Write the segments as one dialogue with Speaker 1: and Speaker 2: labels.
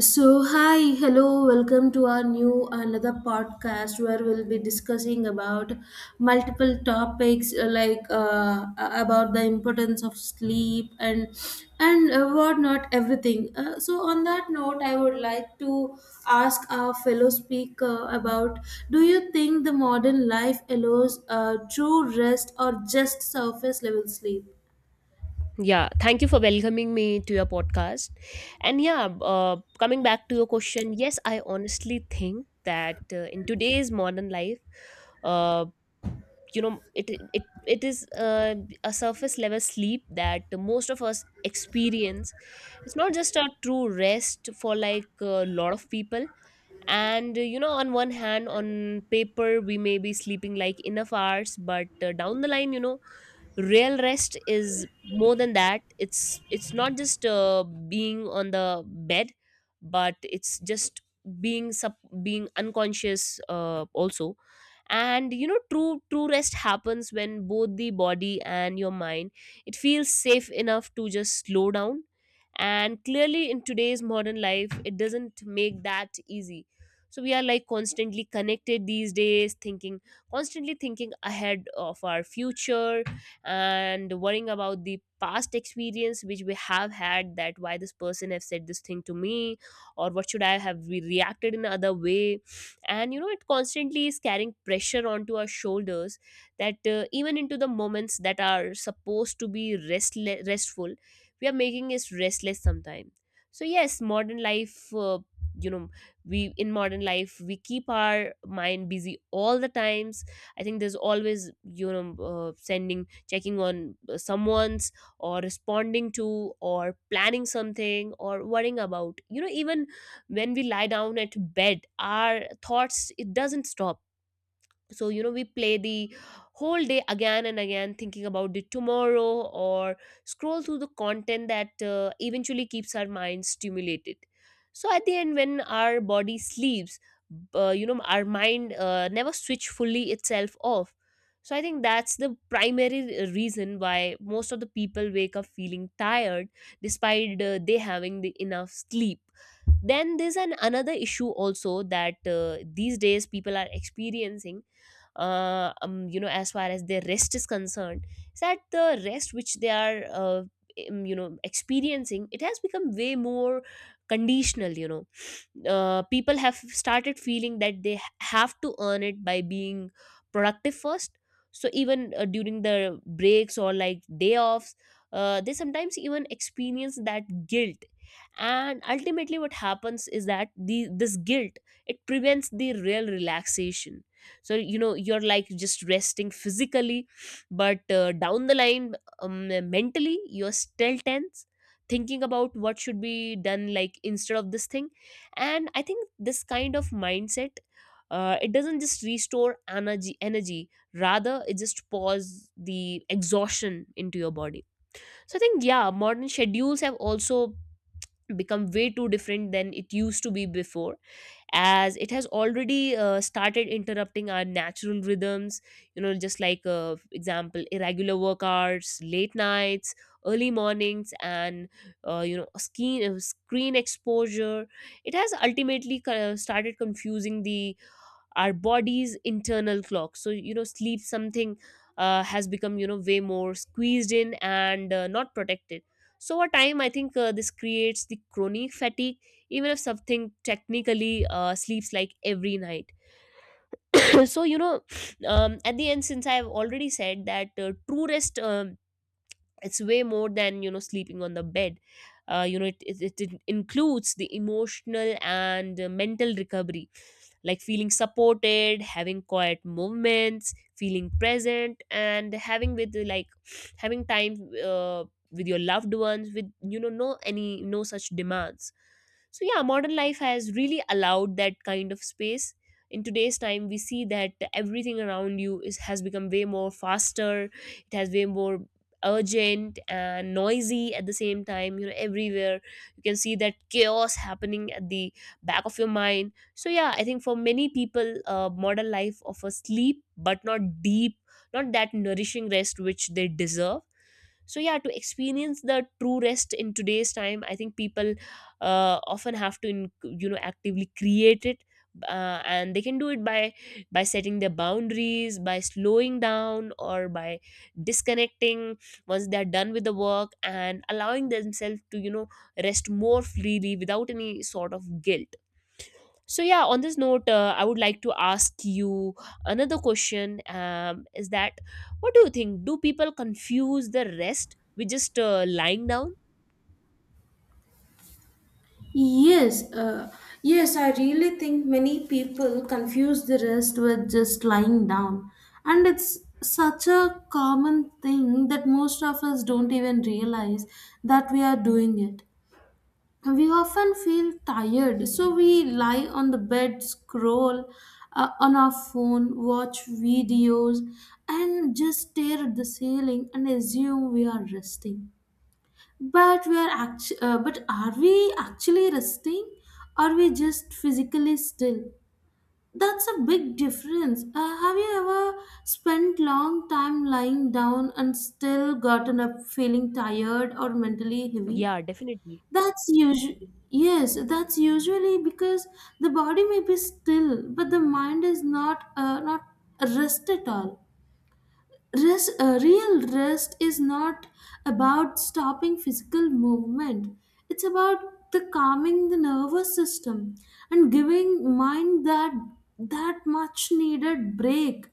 Speaker 1: So, hi, hello, welcome to our new another podcast where we'll be discussing about multiple topics like about the importance of sleep and whatnot, everything. So, on that note, I would like to ask our fellow speaker about: do you think the modern life allows true rest or just surface level sleep?
Speaker 2: Yeah, thank you for welcoming me to your podcast. And yeah, coming back to your question, yes, I honestly think that in today's modern life, uh, it is a surface level sleep that most of us experience. It's not just a true rest for like a lot of people. And on one hand, on paper we may be sleeping like enough hours, but down the line, real rest is more than that. It's not just being on the bed, but it's just being sub being unconscious also. And true rest happens when both the body and your mind, it feels safe enough to just slow down. And clearly, in today's modern life, it doesn't make that easy. So we are like constantly connected these days, thinking constantly thinking ahead of our future and worrying about the past experience which we have had, that why this person have said this thing to me, or what should I have reacted in other way. And it constantly is carrying pressure onto our shoulders, that even into the moments that are supposed to be restful, we are making us restless sometimes. So yes, modern life, you know we, in modern life, we keep our mind busy all the times. I think there's always, sending, checking on someone's, or responding to, or planning something, or worrying about, even when we lie down at bed, our thoughts, it doesn't stop. So we play the whole day again and again, thinking about the tomorrow, or scroll through the content that eventually keeps our mind stimulated. So at the end, when our body sleeps, our mind never switch fully itself off. So I think that's the primary reason why most of the people wake up feeling tired, despite they having the enough sleep. Then there's an another issue also that these days people are experiencing, as far as their rest is concerned, is that the rest which they are, experiencing, it has become way more conditional. People have started feeling that they have to earn it by being productive first. So even during the breaks or like day offs, they sometimes even experience that guilt. And ultimately what happens is that the this guilt, it prevents the real relaxation. So you're like just resting physically, but down the line, mentally you're still tense, thinking about what should be done like instead of this thing. And I think this kind of mindset, it doesn't just restore energy, rather it just pours the exhaustion into your body. So I think, yeah, modern schedules have also become way too different than it used to be before, as it has already started interrupting our natural rhythms. Just like, for example, irregular work hours, late nights, early mornings, and screen exposure. It has ultimately started confusing the our body's internal clock. So sleep, something has become, way more squeezed in, and not protected. So over time, I think this creates the chronic fatigue, even if something technically sleeps like every night. So at the end, since I've already said that true rest, it's way more than sleeping on the bed. It includes the emotional and mental recovery, like feeling supported, having quiet movements, feeling present, and having with like having time uh, with your loved ones, with, no any, no such demands. So yeah, modern life has really allowed that kind of space. In today's time, we see that everything around you is has become way more faster. It has way more urgent and noisy at the same time. Everywhere you can see that chaos happening at the back of your mind. So yeah, I think for many people modern life offers sleep, but not deep, not that nourishing rest which they deserve. So yeah, to experience the true rest in today's time, I think people often have to, actively create it. And they can do it by, setting their boundaries, by slowing down, or by disconnecting once they're done with the work, and allowing themselves to rest more freely without any sort of guilt. So yeah, on this note, I would like to ask you another question, is that, what do you think, do people confuse the rest with just lying down?
Speaker 1: Yes, yes, I really think many people confuse the rest with just lying down. And it's such a common thing that most of us don't even realize that we are doing it. We often feel tired, so we lie on the bed, scroll on our phone, watch videos, and just stare at the ceiling and assume we are resting, but but are we actually resting? Or we just physically still? That's a big difference. Have you ever spent long time lying down and still gotten up feeling tired or mentally heavy?
Speaker 2: Yeah, definitely.
Speaker 1: That's usually yes. That's usually because the body may be still, but the mind is not rest at all. Rest, real rest is not about stopping physical movement. It's about the calming the nervous system and giving mind that much needed break.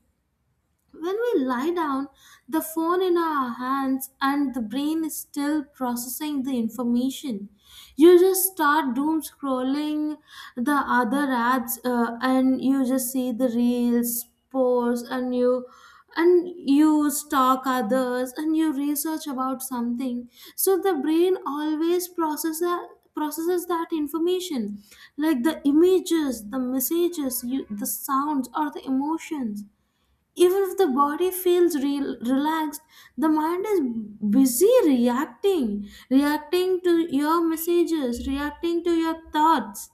Speaker 1: When we lie down, the phone in our hands and the brain is still processing the information. You just start doom scrolling the other ads, and you just see the reels, posts, and you stalk others and you research about something. So the brain always processes that information, like the images, the messages, you, the sounds or the emotions. Even if the body feels relaxed, the mind is busy reacting to your messages, reacting to your thoughts.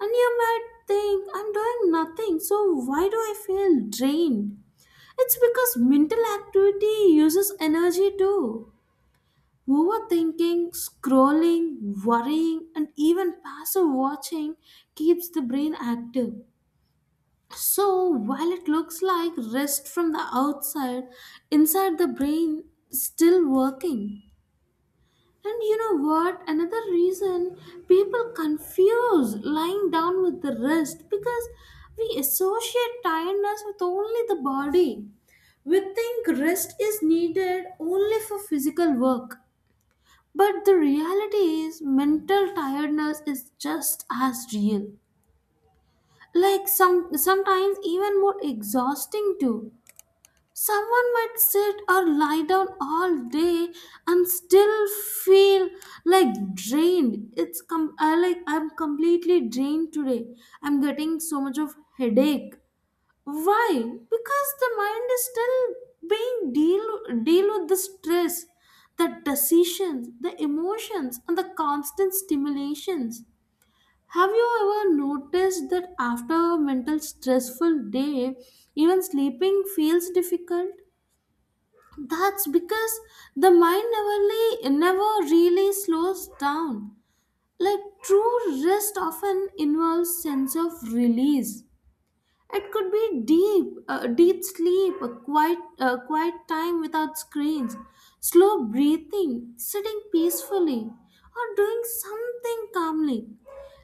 Speaker 1: And you might think, I'm doing nothing, so why do I feel drained? It's because mental activity uses energy too. Overthinking, scrolling, worrying, and even passive watching keeps the brain active. So, while it looks like rest from the outside, inside the brain still working. And you know what? Another reason people confuse lying down with the rest because we associate tiredness with only the body. We think rest is needed only for physical work. But the reality is mental tiredness is just as real. Like some sometimes even more exhausting too. Someone might sit or lie down all day and still feel like drained. It's com- I like I'm completely drained today. I'm getting so much of headache. Why? Because the mind is still being deal with the stress, the decisions, the emotions, and the constant stimulations. Have you ever noticed that after a mental stressful day, even sleeping feels difficult? That's because the mind never really slows down. Like true rest often involves sense of release. It could be deep, deep sleep, a quiet, quiet time without screens, slow breathing, sitting peacefully, or doing something calmly,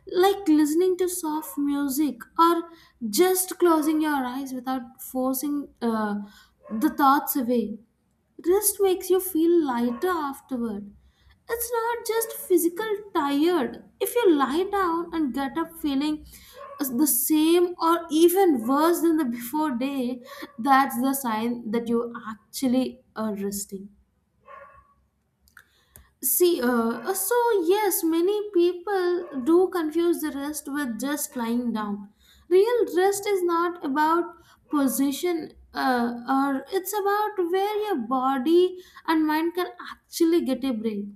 Speaker 1: like listening to soft music or just closing your eyes without forcing the thoughts away. Rest makes you feel lighter afterward. It's not just physical tired. If you lie down and get up feeling the same or even worse than the before day, that's the sign that you actually are resting. So, yes, many people do confuse the rest with just lying down. Real rest is not about position, or it's about where your body and mind can actually get a break.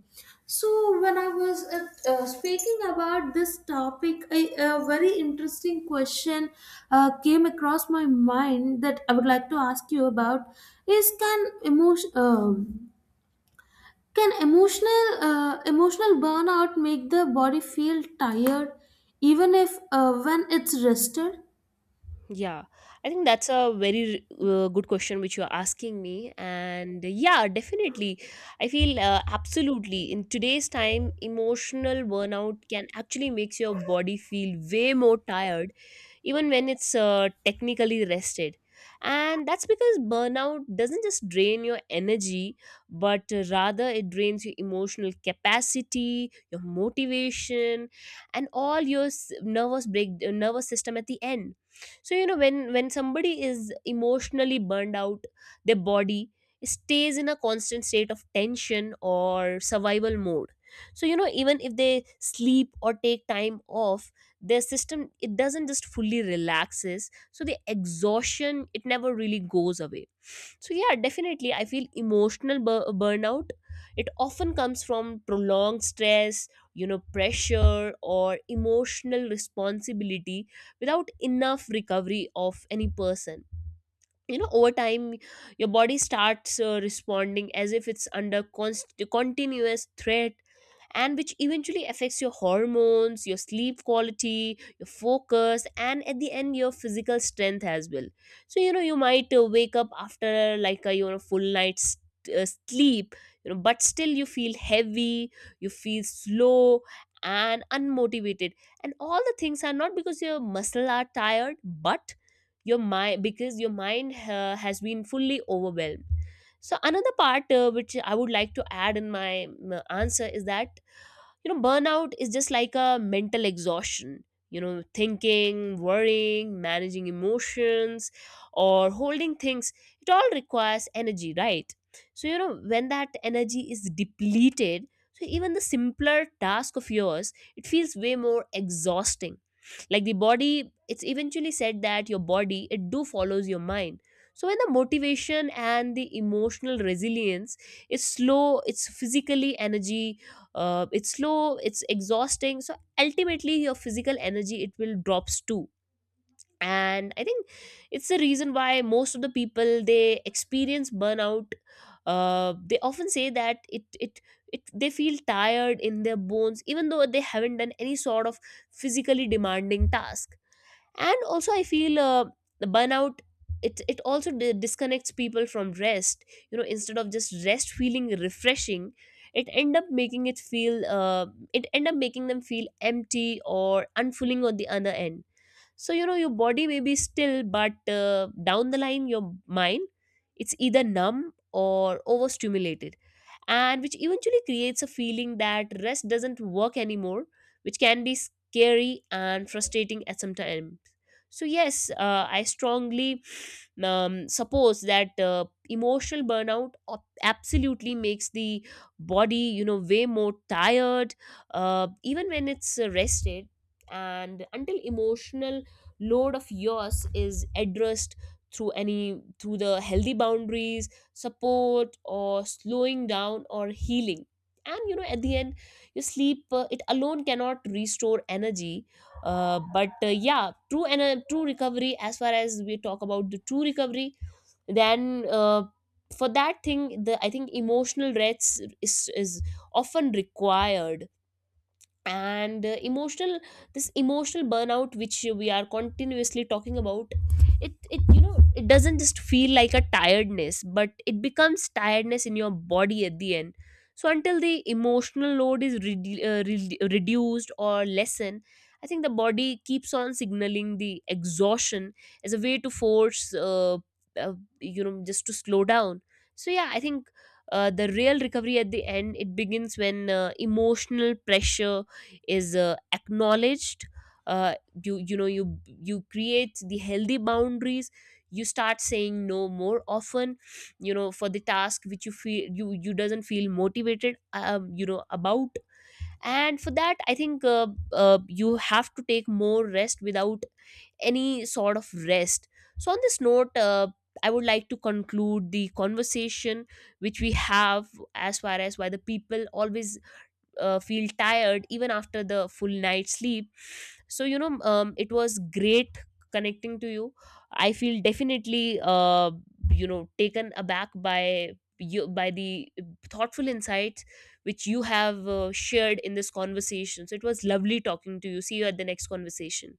Speaker 1: So, when I was speaking about this topic, I, a very interesting question came across my mind that I would like to ask you about is can emotional emotional burnout make the body feel tired even if when it's rested?
Speaker 2: Yeah, I think that's a very good question which you're asking me. And yeah, definitely. I feel, absolutely, in today's time, emotional burnout can actually makes your body feel way more tired, even when it's technically rested. And that's because burnout doesn't just drain your energy, but rather it drains your emotional capacity, your motivation, and all your nervous system at the end. So when somebody is emotionally burned out, their body stays in a constant state of tension or survival mode. So even if they sleep or take time off, their system, it doesn't just fully relaxes, so the exhaustion, it never really goes away. So yeah, definitely I feel emotional burnout, it often comes from prolonged stress, pressure, or emotional responsibility without enough recovery of any person. Over time, your body starts responding as if it's under continuous threat, and which eventually affects your hormones, your sleep quality, your focus, and at the end, your physical strength as well. So, you might wake up after like a full night's sleep, but still you feel heavy, you feel slow and unmotivated, and all the things are not because your muscle are tired, but your mind because your mind has been fully overwhelmed. So another part which I would like to add in my, answer is that, burnout is just like a mental exhaustion. Thinking, worrying, managing emotions, or holding things, it all requires energy, right? So when that energy is depleted, so even the simpler task of yours, it feels way more exhausting. Like the body, it's eventually said that your body, it do follows your mind. So when the motivation and the emotional resilience is slow, it's physically energy, it's slow, it's exhausting, so ultimately your physical energy, it will drops too. And I think it's the reason why most of the people, they experience burnout, they often say that, it they feel tired in their bones, even though they haven't done any sort of physically demanding task. And also I feel, the burnout, it also disconnects people from rest. Instead of just rest feeling refreshing, it end up making it feel uh, it end up making them feel empty or unfulfilling on the other end. So your body may be still, but down the line, your mind, it's either numb or overstimulated, and which eventually creates a feeling that rest doesn't work anymore, which can be scary and frustrating at some time. So yes, I strongly, suppose that, emotional burnout, absolutely makes the body, way more tired, even when it's rested. And until emotional load of yours is addressed, through any through the healthy boundaries, support, or slowing down, or healing. And at the end, your sleep, it alone cannot restore energy. But yeah, true, and true recovery, as far as we talk about the true recovery, then, for that thing, the I think emotional rest is often required. And emotional, this emotional burnout which we are continuously talking about, it you know it doesn't just feel like a tiredness, but it becomes tiredness in your body at the end. So until the emotional load is reduced or lessen, I think the body keeps on signaling the exhaustion as a way to force, uh, just to slow down. So yeah, I think the real recovery at the end, it begins when emotional pressure is acknowledged, uh, you create the healthy boundaries, you start saying no more often, for the task which you feel, you doesn't feel motivated, about. And for that I think, you have to take more rest without any sort of rest. So on this note, I would like to conclude the conversation which we have, as far as why the people always feel tired even after the full night sleep. So it was great connecting to you. I feel definitely, taken aback by you by the thoughtful insights which you have shared in this conversation. So it was lovely talking to you. See you at the next conversation.